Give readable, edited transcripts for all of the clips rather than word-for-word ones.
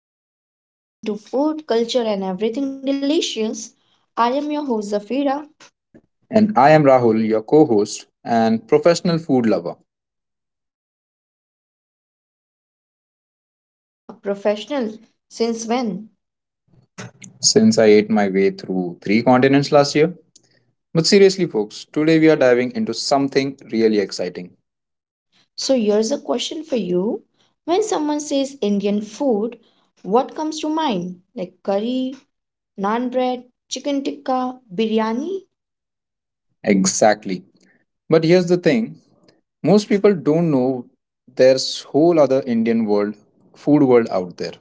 the podcast where we dig into food, culture, and everything delicious. I am your host Zafira, And I am Rahul, your co host and professional food lover professional since when? since I ate my way through three continents last year. But seriously, folks, today we are diving into something really exciting. So here's a question for you. When someone says Indian food, what comes to mind? Like curry, naan bread, chicken tikka, biryani? Exactly. But here's the thing most people don't know there's whole other Indian world, food world out there.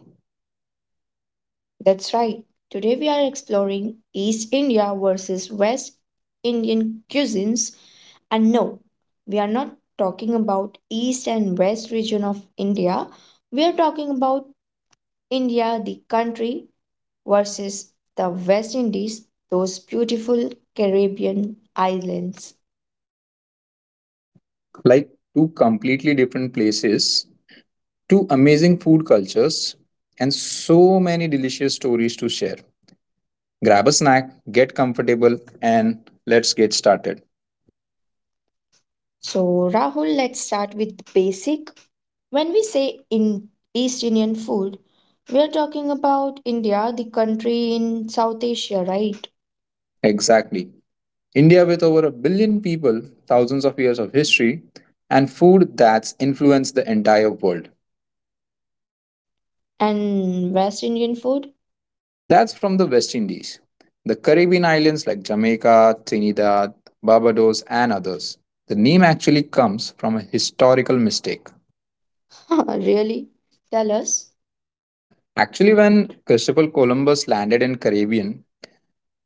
That's right. Today we are exploring East India versus West Indian cuisines. And no, we are not talking about East and West region of India. We are talking about India, the country, versus the West Indies, those beautiful Caribbean islands. Like two completely different places, two amazing food cultures, and so many delicious stories to share. Grab a snack, get comfortable, and let's get started. So, Rahul, let's start with the basic. When we say in East Indian food, we are talking about India, the country in South Asia, right? Exactly. India, with over a billion people, thousands of years of history, and food that's influenced the entire world. And West Indian food? That's from the West Indies, the Caribbean islands like Jamaica, Trinidad, Barbados, and others. The name actually comes from a historical mistake. Really? Tell us. Actually, when Christopher Columbus landed in Caribbean,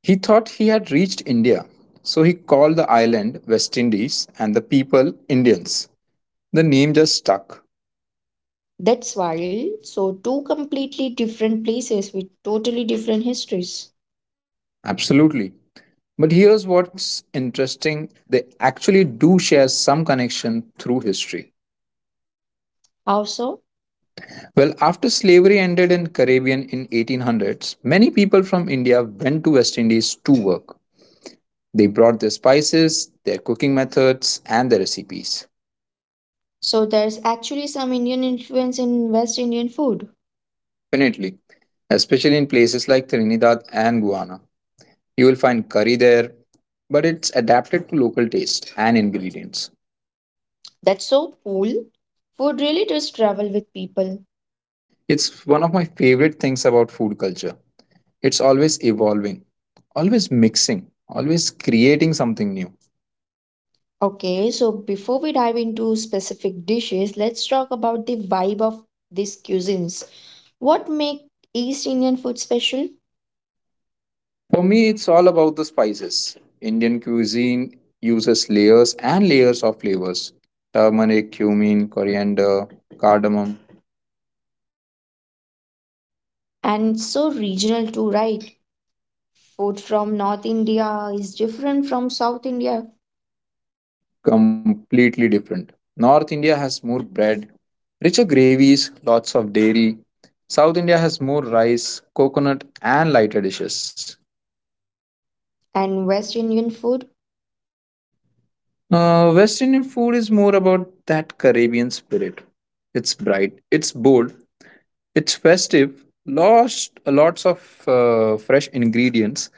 he thought he had reached India, so he called the island West Indies and the people Indians. The name just stuck. That's wild. So, two completely different places with totally different histories. Absolutely. But here's what's interesting, they actually do share some connection through history. How so? Well, after slavery ended in Caribbean in 1800s, many people from India went to West Indies to work. They brought their spices, their cooking methods, and their recipes. So, there's actually some Indian influence in West Indian food. Definitely, especially in places like Trinidad and Guyana. You will find curry there, but it's adapted to local taste and ingredients. That's so cool. Food really does travel with people. It's one of my favorite things about food culture. It's always evolving, always mixing, always creating something new. Okay, so before we dive into specific dishes, let's talk about the vibe of these cuisines. What make East Indian food special? For me, it's all about the spices. Indian cuisine uses layers and layers of flavors turmeric, cumin, coriander, cardamom. And it's so regional too, right? Food from North India is different from South India Completely different. North India has more bread, richer gravies, lots of dairy. South India has more rice, coconut, and lighter dishes. and West Indian food. West Indian food is more about that Caribbean spirit. It's bright, it's bold, it's festive, lots of fresh ingredients,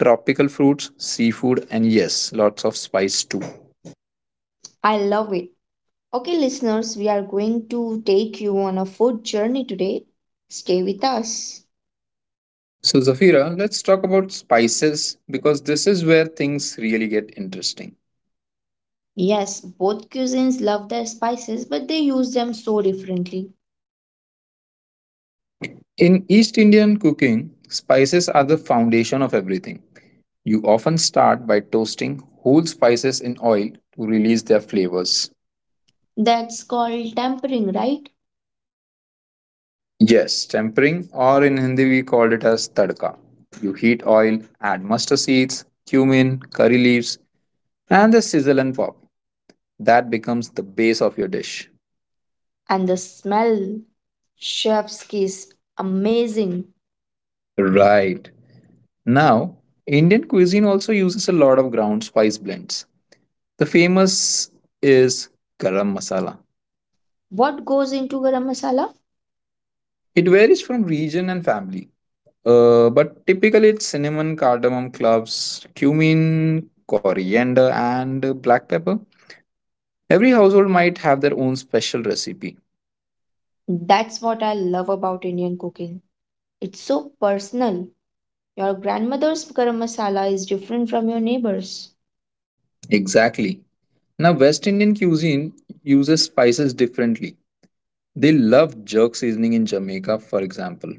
tropical fruits, seafood, and yes, lots of spice too. I love it. Okay, listeners, we are going to take you on a food journey today. Stay with us. So, Zafira, let's talk about spices because this is where things really get interesting. Yes, both cuisines love their spices, but they use them so differently. In East Indian cooking, spices are the foundation of everything. You often start by toasting whole spices in oil to release their flavors. That's called tempering, right? Yes, tempering, or in Hindi we call it as tadka. You heat oil, add mustard seeds, cumin, curry leaves, and the sizzle and pop. That becomes the base of your dish. And the smell, chef's kiss, amazing. Right. Now, Indian cuisine also uses a lot of ground spice blends. The famous is garam masala. What goes into garam masala? It varies from region and family, but typically it's cinnamon, cardamom cloves, cumin, coriander, and black pepper. Every household might have their own special recipe. That's what I love about Indian cooking. It's so personal. Your grandmother's garam masala is different from your neighbor's. Exactly. Now, West Indian cuisine uses spices differently. They love jerk seasoning in Jamaica, for example.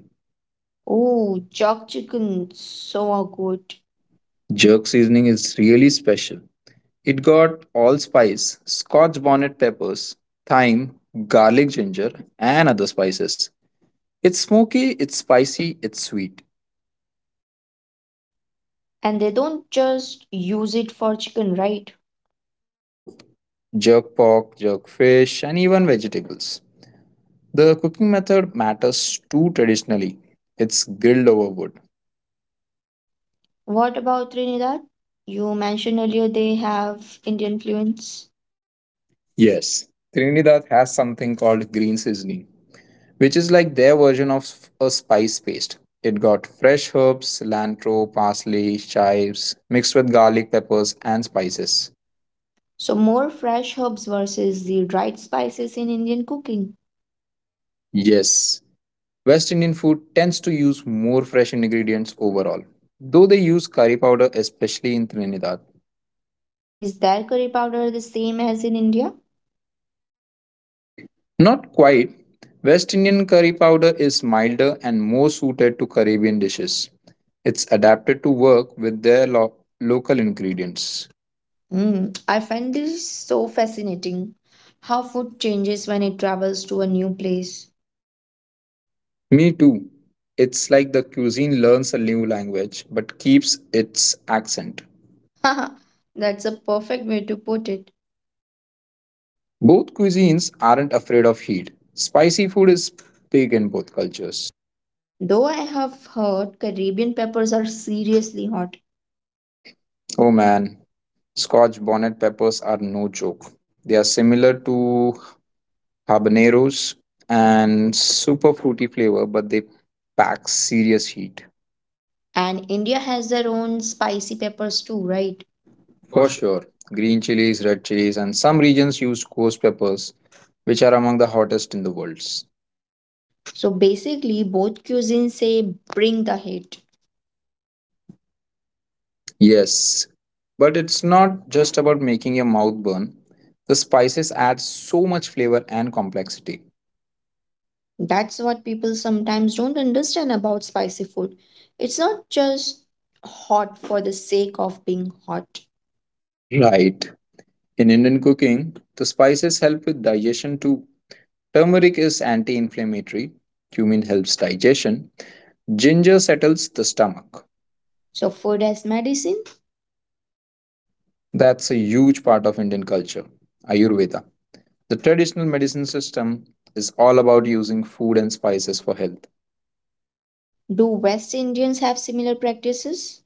Oh, chalk chicken, so good. Jerk seasoning is really special. It got allspice, scotch bonnet peppers, thyme, garlic, ginger, and other spices. It's smoky, it's spicy, it's sweet. And they don't just use it for chicken, right? Nope. Jerk pork, jerk fish, and even vegetables. The cooking method matters too traditionally. It's grilled over wood. What about Trinidad? You mentioned earlier they have Indian influence. Yes. Trinidad has something called green seasoning, which is like their version of a spice paste. It got fresh herbs, cilantro, parsley, chives, mixed with garlic, peppers, and spices. So, more fresh herbs versus the dried spices in Indian cooking. Yes. West Indian food tends to use more fresh ingredients overall, though they use curry powder especially in Trinidad. Is their curry powder the same as in India? Not quite. West Indian curry powder is milder and more suited to Caribbean dishes. It's adapted to work with their local ingredients. Hmm, I find this so fascinating. How food changes when it travels to a new place. Me too. It's like the cuisine learns a new language but keeps its accent. That's a perfect way to put it. Both cuisines aren't afraid of heat. Spicy food is big in both cultures. Though I have heard Caribbean peppers are seriously hot, Oh man, Scotch bonnet peppers are no joke. They are similar to habaneros and super fruity flavor, but they pack serious heat. and India has their own spicy peppers too, right? For sure, green chilies, red chilies, and some regions use ghost peppers, which are among the hottest in the world. So basically, both cuisines say bring the heat. Yes, but it's not just about making your mouth burn. The spices add so much flavor and complexity. That's what people sometimes don't understand about spicy food. It's not just hot for the sake of being hot. Right. In Indian cooking, the spices help with digestion too. Turmeric is anti inflammatory, cumin helps digestion, ginger settles the stomach. So, food as medicine? That's a huge part of Indian culture, Ayurveda. The traditional medicine system is all about using food and spices for health. Do West Indians have similar practices?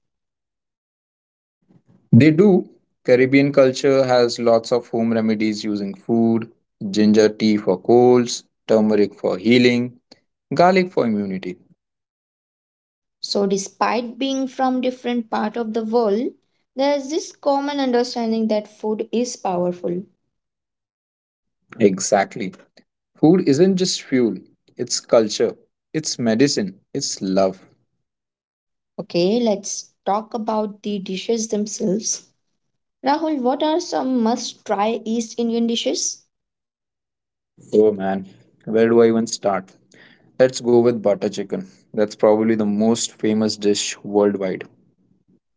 They do. Caribbean culture has lots of home remedies using food, ginger tea for colds, turmeric for healing, garlic for immunity. So, despite being from different part of the world, there's this common understanding that food is powerful. Exactly. Food isn't just fuel, it's culture, it's medicine, it's love. Okay, let's talk about the dishes themselves. Rahul, what are some must try East Indian dishes? Oh man, where do I even start? Let's go with butter chicken. That's probably the most famous dish worldwide.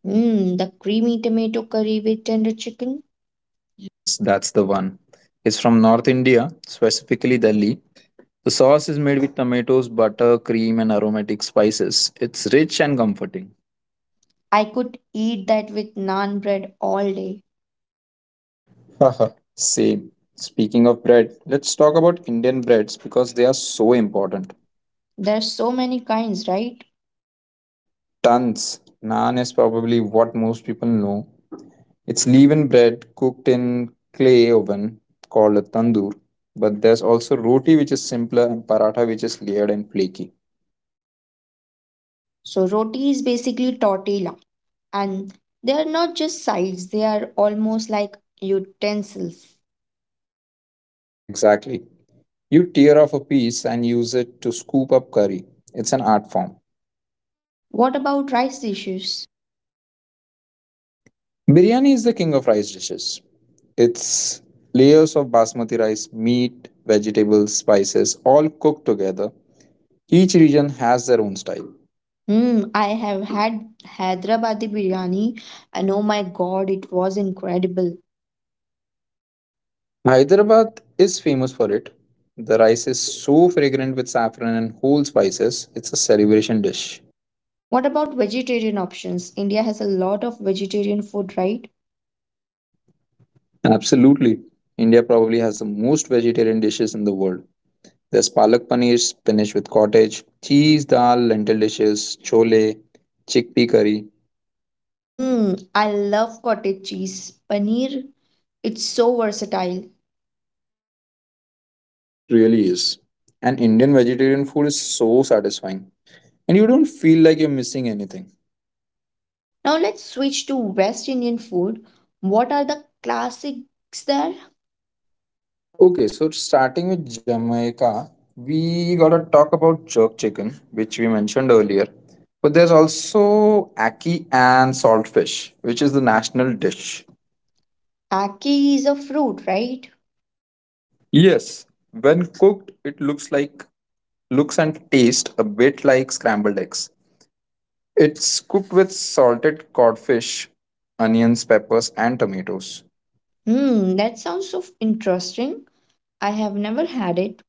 Mmm, the creamy tomato curry with tender chicken. Yes, that's the one. It's from North India, specifically Delhi. The sauce is made with tomatoes, butter, cream, and aromatic spices. It's rich and comforting. I could eat that with naan bread all day. Haha, same. Speaking of bread, let's talk about Indian breads because they are so important. There's so many kinds, right? Tons. Naan is probably what most people know. It's leaven bread cooked in clay oven called a tandoor. But there's also roti, which is simpler, and paratha, which is layered and flaky. So roti is basically tortilla and they are not just sides, they are almost like utensils. Exactly. You tear off a piece and use it to scoop up curry. It's an art form. What about rice dishes? Biryani is the king of rice dishes. It's layers of basmati rice, meat, vegetables, spices, all cooked together. Each region has their own style. Hmm, I have had Hyderabadi biryani and oh my god, it was incredible. Hyderabad is famous for it. The rice is so fragrant with saffron and whole spices, it's a celebration dish. What about vegetarian options? India has a lot of vegetarian food, right? Absolutely. India probably has the most vegetarian dishes in the world. There's palak paneer, spinach with cottage, cheese dal, lentil dishes, chole, chickpea curry. Hmm, I love cottage cheese, paneer. It's so versatile. It really is. And Indian vegetarian food is so satisfying. And you don't feel like you're missing anything. Now let's switch to West Indian food. What are the classics there? Okay, so starting with Jamaica, we gotta talk about jerk chicken, which we mentioned earlier. But there's also ackee and saltfish, which is the national dish. Aki is a fruit, right? Yes, when cooked, it looks and taste a bit like scrambled eggs. It's cooked with salted codfish, onions, peppers, and tomatoes. Hmm, that sounds so interesting. I have never had it.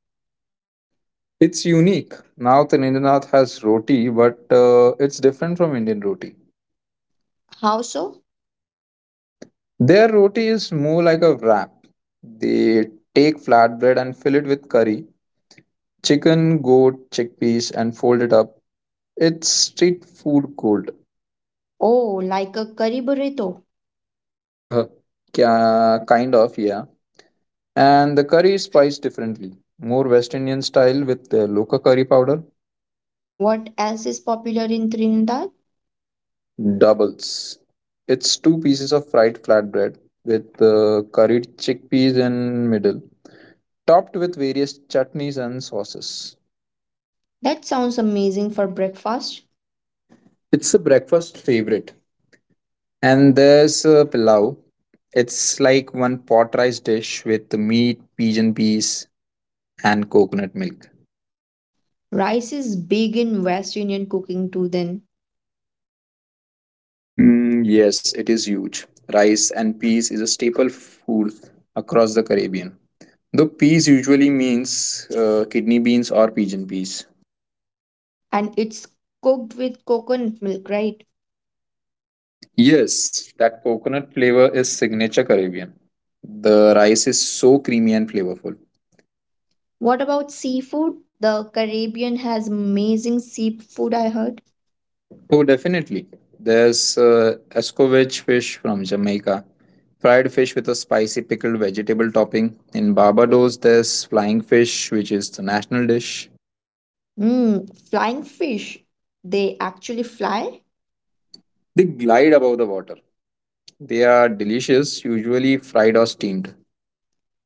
It's unique. Now, Tinindranath has roti, but it's different from Indian roti. How so? Their roti is more like a wrap. They take flatbread and fill it with curry, chicken, goat, chickpeas, and fold it up. It's street food gold. Oh, like a curry burrito. Yeah, kind of, yeah. And the curry is spiced differently. More West Indian style with the local curry powder. What else is popular in Trinidad? Doubles. It's two pieces of fried flatbread with curried chickpeas in middle, topped with various chutneys and sauces. That sounds amazing for breakfast. It's a breakfast favorite. And there's a pilau. It's like one pot rice dish with meat, pigeon peas, and coconut milk. Rice is big in West Indian cooking too, then, Mm, yes, it is huge. Rice and peas is a staple food across the Caribbean. The peas usually means kidney beans or pigeon peas. and it's cooked with coconut milk, right? Yes, that coconut flavor is signature Caribbean. The rice is so creamy and flavorful. What about seafood? The Caribbean has amazing seafood, I heard. Oh, definitely. There's escovitch fish from Jamaica, fried fish with a spicy pickled vegetable topping. In Barbados, there's flying fish, which is the national dish. Mm, flying fish. They actually fly? They glide above the water. They are delicious, usually fried or steamed.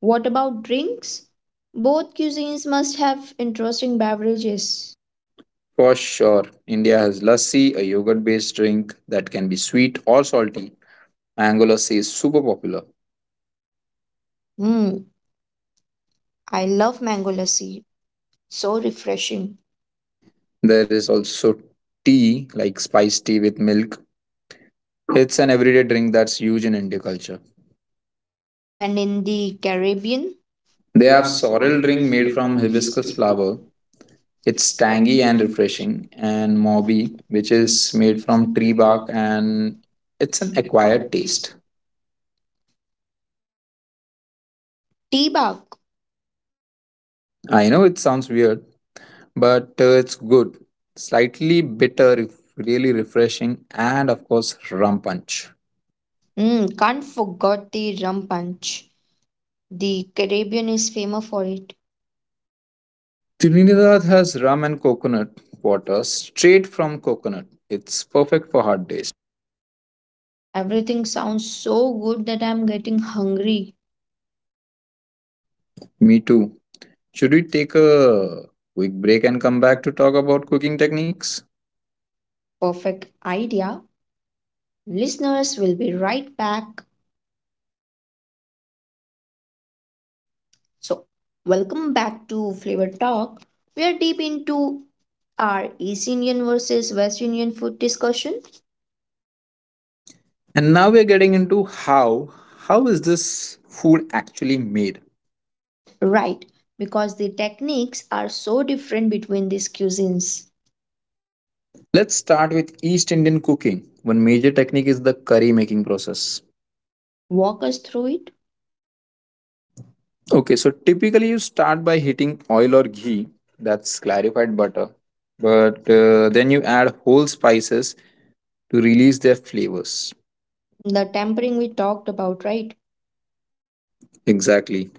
What about drinks? Both cuisines must have interesting beverages. For sure, India has lassi, a yogurt based drink that can be sweet or salty. Mango lassi is super popular. Mm, I love mango lassi. So refreshing. There is also tea, like spiced tea with milk. It's an everyday drink that's huge in India culture. And in the Caribbean, They have sorrel drink made from hibiscus flower. It's tangy and refreshing, and mobi, which is made from tree bark, and it's an acquired taste. tea bag. I know it sounds weird, but it's good. Slightly bitter, if really refreshing, and of course, rum punch. Mm, can't forget the rum punch. The Caribbean is famous for it. Trinidad has rum and coconut water straight from coconut. It's perfect for hard days. Everything sounds so good that I'm getting hungry. Me too. Should we take a quick break and come back to talk about cooking techniques? Perfect idea. Listeners will be right back. So, welcome back to Flavor Talk. We are deep into our East Indian versus West Indian food discussion, And now we're getting into how is this food actually made? right? Because the techniques are so different between these cuisines. Let's start with East Indian cooking. One major technique is the curry making process. Walk us through it. Okay, so typically you start by heating oil or ghee, that's clarified butter, but then you add whole spices to release their flavors. Mm, the tempering we talked about, right? Exactly.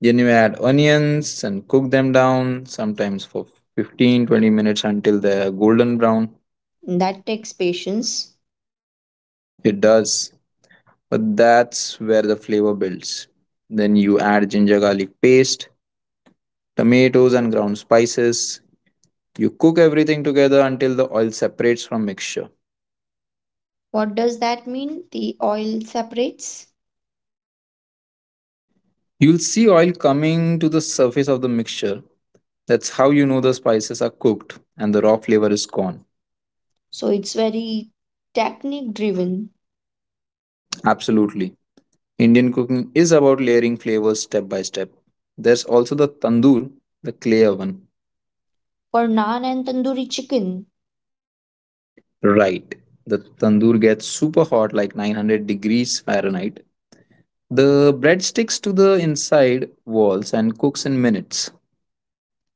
Then you add onions and cook them down, sometimes for 15 to 20 minutes until they're golden brown. That takes patience. It does. But that's where the flavor builds. Then you add ginger garlic paste, tomatoes, and ground spices. You cook everything together until the oil separates from mixture. What does that mean? The oil separates. You'll see oil coming to the surface of the mixture. That's how you know the spices are cooked and the raw flavor is gone. So it's very technique driven Absolutely. Indian cooking is about layering flavors step by step. There's also the tandoor, the clay oven. for naan and tandoori chicken. Right. The tandoor gets super hot like 900 degrees Fahrenheit. The bread sticks to the inside walls and cooks in minutes.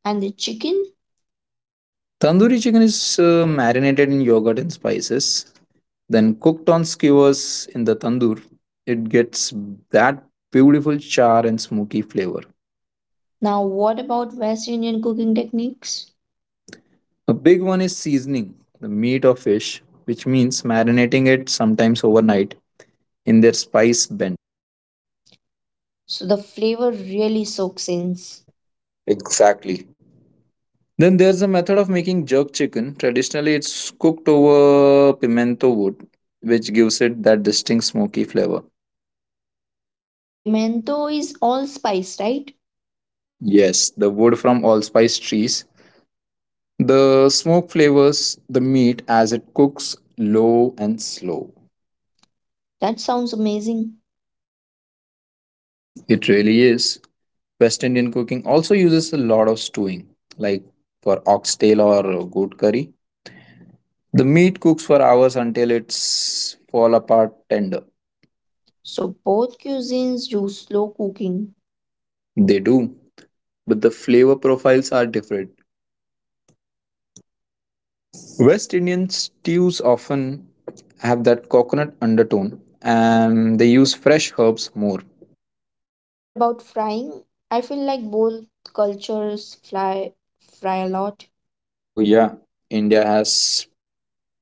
And the chicken? Tandoori chicken is marinated in yogurt and spices, then cooked on skewers in the tandoor. It gets that beautiful char and smoky flavor. Now, what about West Indian cooking techniques? A big one is seasoning the meat or fish, which means marinating it sometimes overnight in their spice blend. So the flavor really soaks in. Exactly. Then there's the method of making jerk chicken. Traditionally, it's cooked over pimento wood, which gives it that distinct smoky flavor. Pimento is allspice, right? Yes, the wood from allspice trees. The smoke flavors the meat as it cooks low and slow. That sounds amazing. It really is. West Indian cooking also uses a lot of stewing, like for oxtail or goat curry. The meat cooks for hours until it's fall apart tender. So both cuisines use slow cooking. They do, but the flavor profiles are different. West Indian stews often have that coconut undertone and they use fresh herbs more. What about frying? I feel like both cultures fly fry a lot Oh, yeah. India has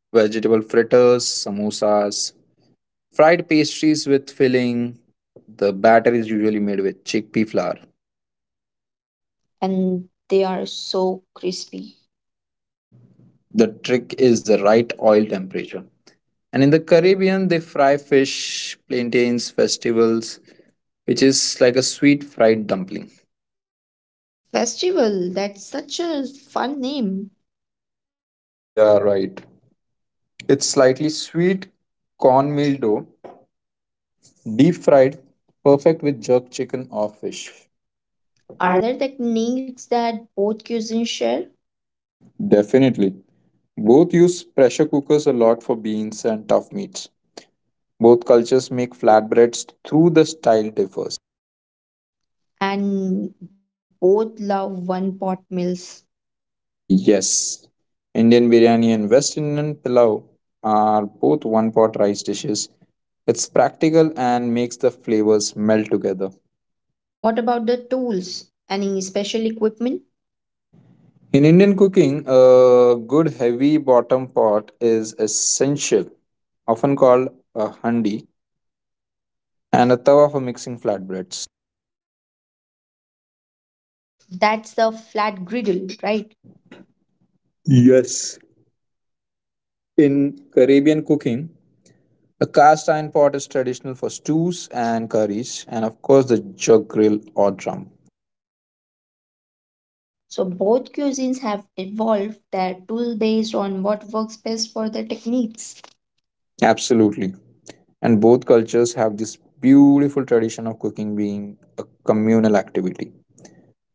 vegetable fritters, samosas, fried pastries with filling. The batter is usually made with chickpea flour. and they are so crispy. The trick is the right oil temperature. And in the Caribbean, they fry fish, plantains, festivals, which is like a sweet fried dumpling. Festival, that's such a fun name. Yeah, right. It's slightly sweet cornmeal dough, deep fried, perfect with jerk chicken or fish. Are there techniques that both cuisines share? Definitely. Both use pressure cookers a lot for beans and tough meats. Both cultures make flatbreads through the style differs. And both love one pot meals. Yes. Indian biryani and West Indian pilau are both one pot rice dishes. It's practical and makes the flavors melt together. What about the tools? Any special equipment? In Indian cooking, a good heavy bottom pot is essential, often called a handi, and a tawa for mixing flatbreads. That's the flat griddle, right? Yes. In Caribbean cooking, a cast iron pot is traditional for stews and curries, and of course the jug grill or drum. So both cuisines have evolved their tool based on what works best for their techniques. Absolutely. And both cultures have this beautiful tradition of cooking being a communal activity.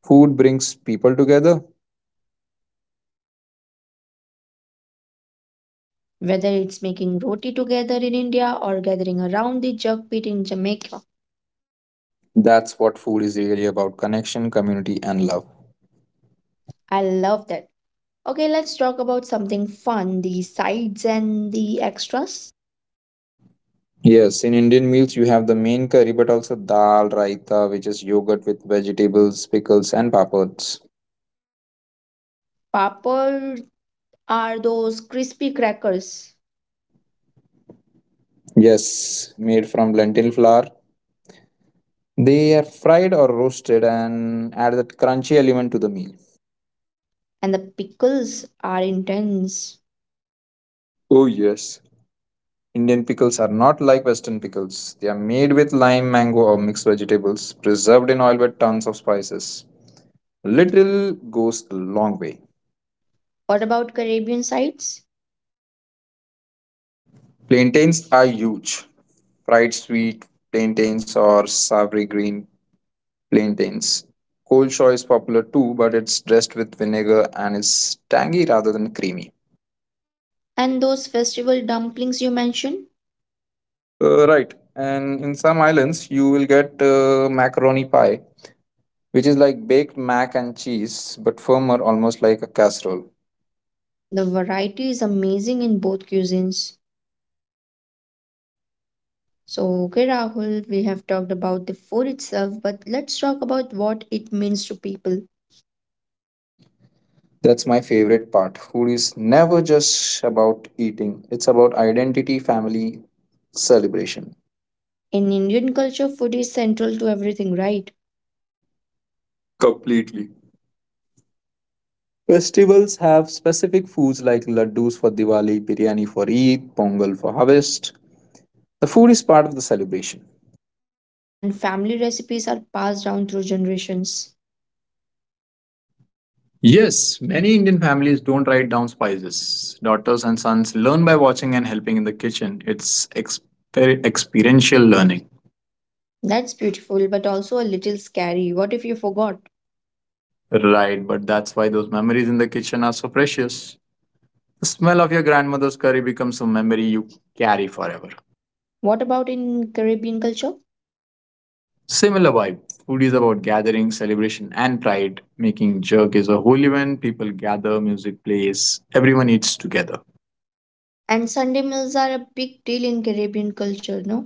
Food brings people together. Whether it's making roti together in India or gathering around the jug pit in Jamaica. That's what food is really about connection, community, and love. I love that. Okay, let's talk about something fun, the sides and the extras. Yes, in Indian meals you have the main curry, but also dal, raita, which is yogurt with vegetables, pickles, and papads. Papad are those crispy crackers Yes, made from lentil flour. They are fried or roasted and add that crunchy element to the meal. and the pickles are intense. Oh, yes. Indian pickles are not like Western pickles. They are made with lime, mango, or mixed vegetables, preserved in oil with tons of spices. Little goes a long way. What about Caribbean sides? Plantains are huge. Fried sweet plantains or savory green plantains. Cold Shaw is popular too, but it's dressed with vinegar and is tangy rather than creamy. And those festival dumplings you mentioned, Right. And in some islands, you will get macaroni pie, which is like baked mac and cheese, but firmer, almost like a casserole. the variety is amazing in both cuisines. So, okay, Rahul, we have talked about the food itself, but let's talk about what it means to people. That's my favorite part. Food is never just about eating, it's about identity, family, celebration. In Indian culture, food is central to everything, right? Completely. Festivals have specific foods like laddus for Diwali, biryani for Eid, pongal for harvest, the food is part of the celebration. And family recipes are passed down through generations. Yes, many Indian families don't write down spices. Daughters and sons learn by watching and helping in the kitchen. It's experiential learning. That's beautiful, but also a little scary. What if you forgot? Right, but that's why those memories in the kitchen are so precious. The smell of your grandmother's curry becomes a memory you carry forever. What about in Caribbean culture? Similar vibe. Food is about gathering, celebration, and pride. Making jerk is a whole event. People gather, music plays, everyone eats together. And Sunday meals are a big deal in Caribbean culture, no?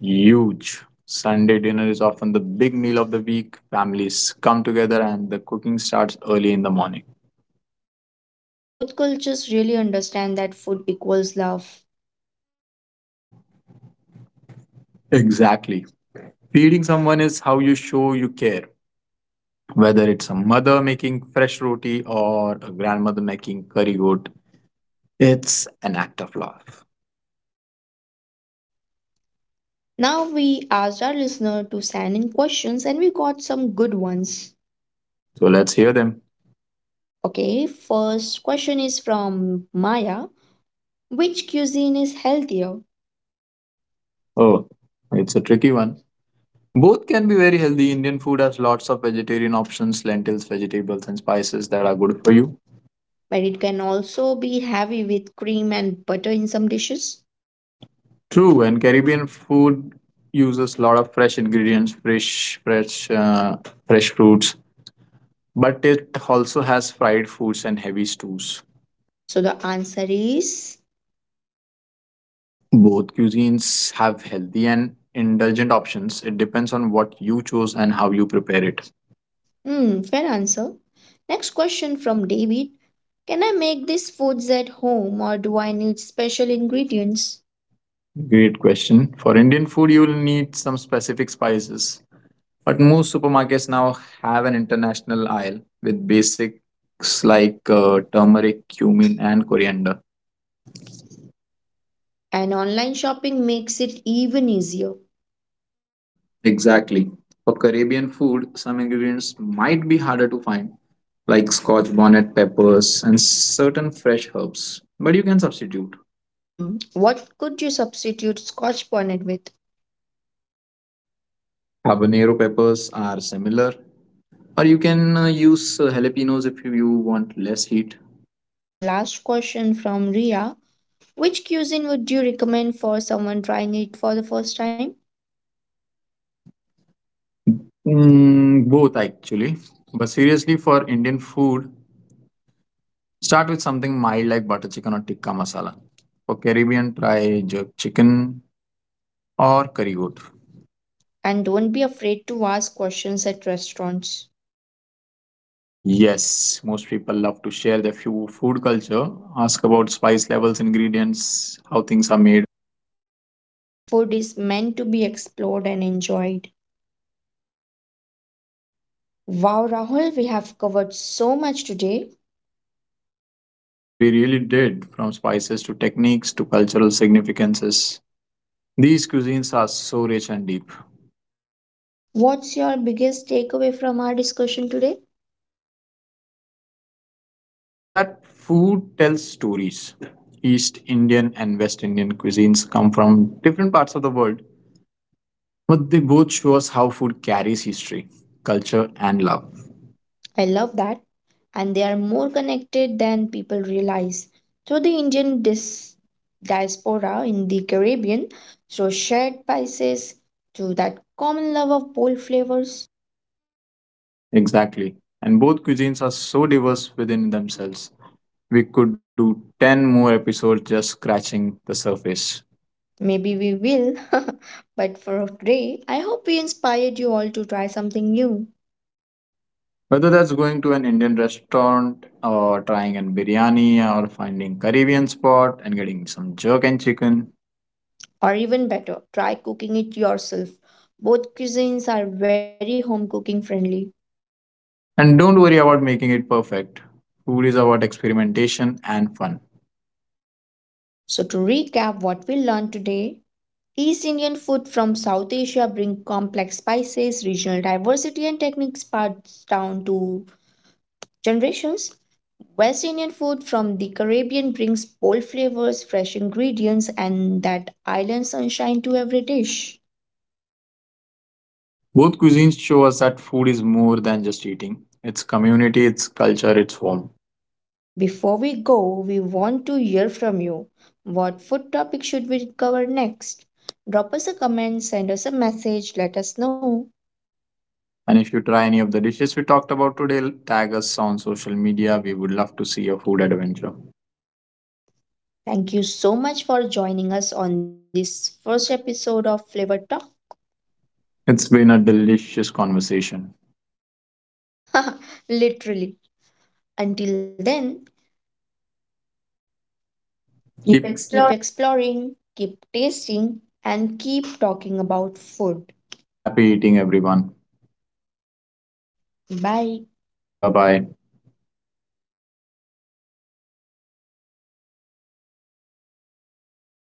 Huge. Sunday dinner is often the big meal of the week. Families come together and the cooking starts early in the morning. Both cultures really understand that food equals love. Exactly. Feeding someone is how you show you care. Whether it's a mother making fresh roti or a grandmother making curry goat, it's an act of love. Now we asked our listener to send in questions and we got some good ones. So let's hear them. Okay, first question is from Maya. Which cuisine is healthier? Oh, it's a tricky one. Both can be very healthy. Indian food has lots of vegetarian options, lentils, vegetables, and spices that are good for you. But it can also be heavy with cream and butter in some dishes. True, and Caribbean food uses a lot of fresh ingredients, fresh fruits. But it also has fried foods and heavy stews. So the answer is Both cuisines have healthy and indulgent options. It depends on what you choose and how you prepare it. hmm, fair answer. Next question from David. Can I make these foods at home or do I need special ingredients? Great question. For Indian food, you will need some specific spices. But most supermarkets now have an international aisle with basics like turmeric, cumin, and coriander. And online shopping makes it even easier. Exactly. For Caribbean food, some ingredients might be harder to find, like scotch bonnet peppers and certain fresh herbs, but you can substitute. Mm. What could you substitute scotch bonnet with? Habanero peppers are similar, or you can use jalapenos if you want less heat. Last question from Ria. Which cuisine would you recommend for someone trying it for the first time? Mm, both actually. But seriously, for Indian food, start with something mild like butter chicken or tikka masala. For Caribbean, try jerk chicken or curry goat. And don't be afraid to ask questions at restaurants. Yes, most people love to share their few food culture, ask about spice levels, ingredients, how things are made. Food is meant to be explored and enjoyed. Wow, Rahul, we have covered so much today. We really did, from spices to techniques to cultural significances. These cuisines are so rich and deep. What's your biggest takeaway from our discussion today? That food tells stories. East Indian and West Indian cuisines come from different parts of the world, but they both show us how food carries history, culture, and love. I love that. And they are more connected than people realize. So the Indian diaspora in the Caribbean, through shared spices, through that common love of bold flavors, Exactly. And both cuisines are so diverse within themselves we could do 10 more episodes just scratching the surface. maybe we will. But for today, I hope we inspired you all to try something new. Whether that's going to an Indian restaurant or trying an biryani or finding Caribbean spot and getting some jerk and chicken. Or even better, try cooking it yourself. Both cuisines are very home cooking friendly. And don't worry about making it perfect. Food is about experimentation and fun. So, to recap what we learned today, East Indian food from South Asia bring complex spices, regional diversity and techniques passed down to generations. West Indian food from the Caribbean brings bold flavors, fresh ingredients and that island sunshine to every dish. Both cuisines show us that food is more than just eating. It's community, it's culture, it's home. Before we go, we want to hear from you. What food topic should we cover next? Drop us a comment, send us a message, let us know. And if you try any of the dishes we talked about today, tag us on social media. We would love to see your food adventure. Thank you so much for joining us on this first episode of Flavor Talk. It's been a delicious conversation. Literally. Until then, keep exploring, keep tasting, and keep talking about food. Happy eating, everyone. Bye. Bye bye.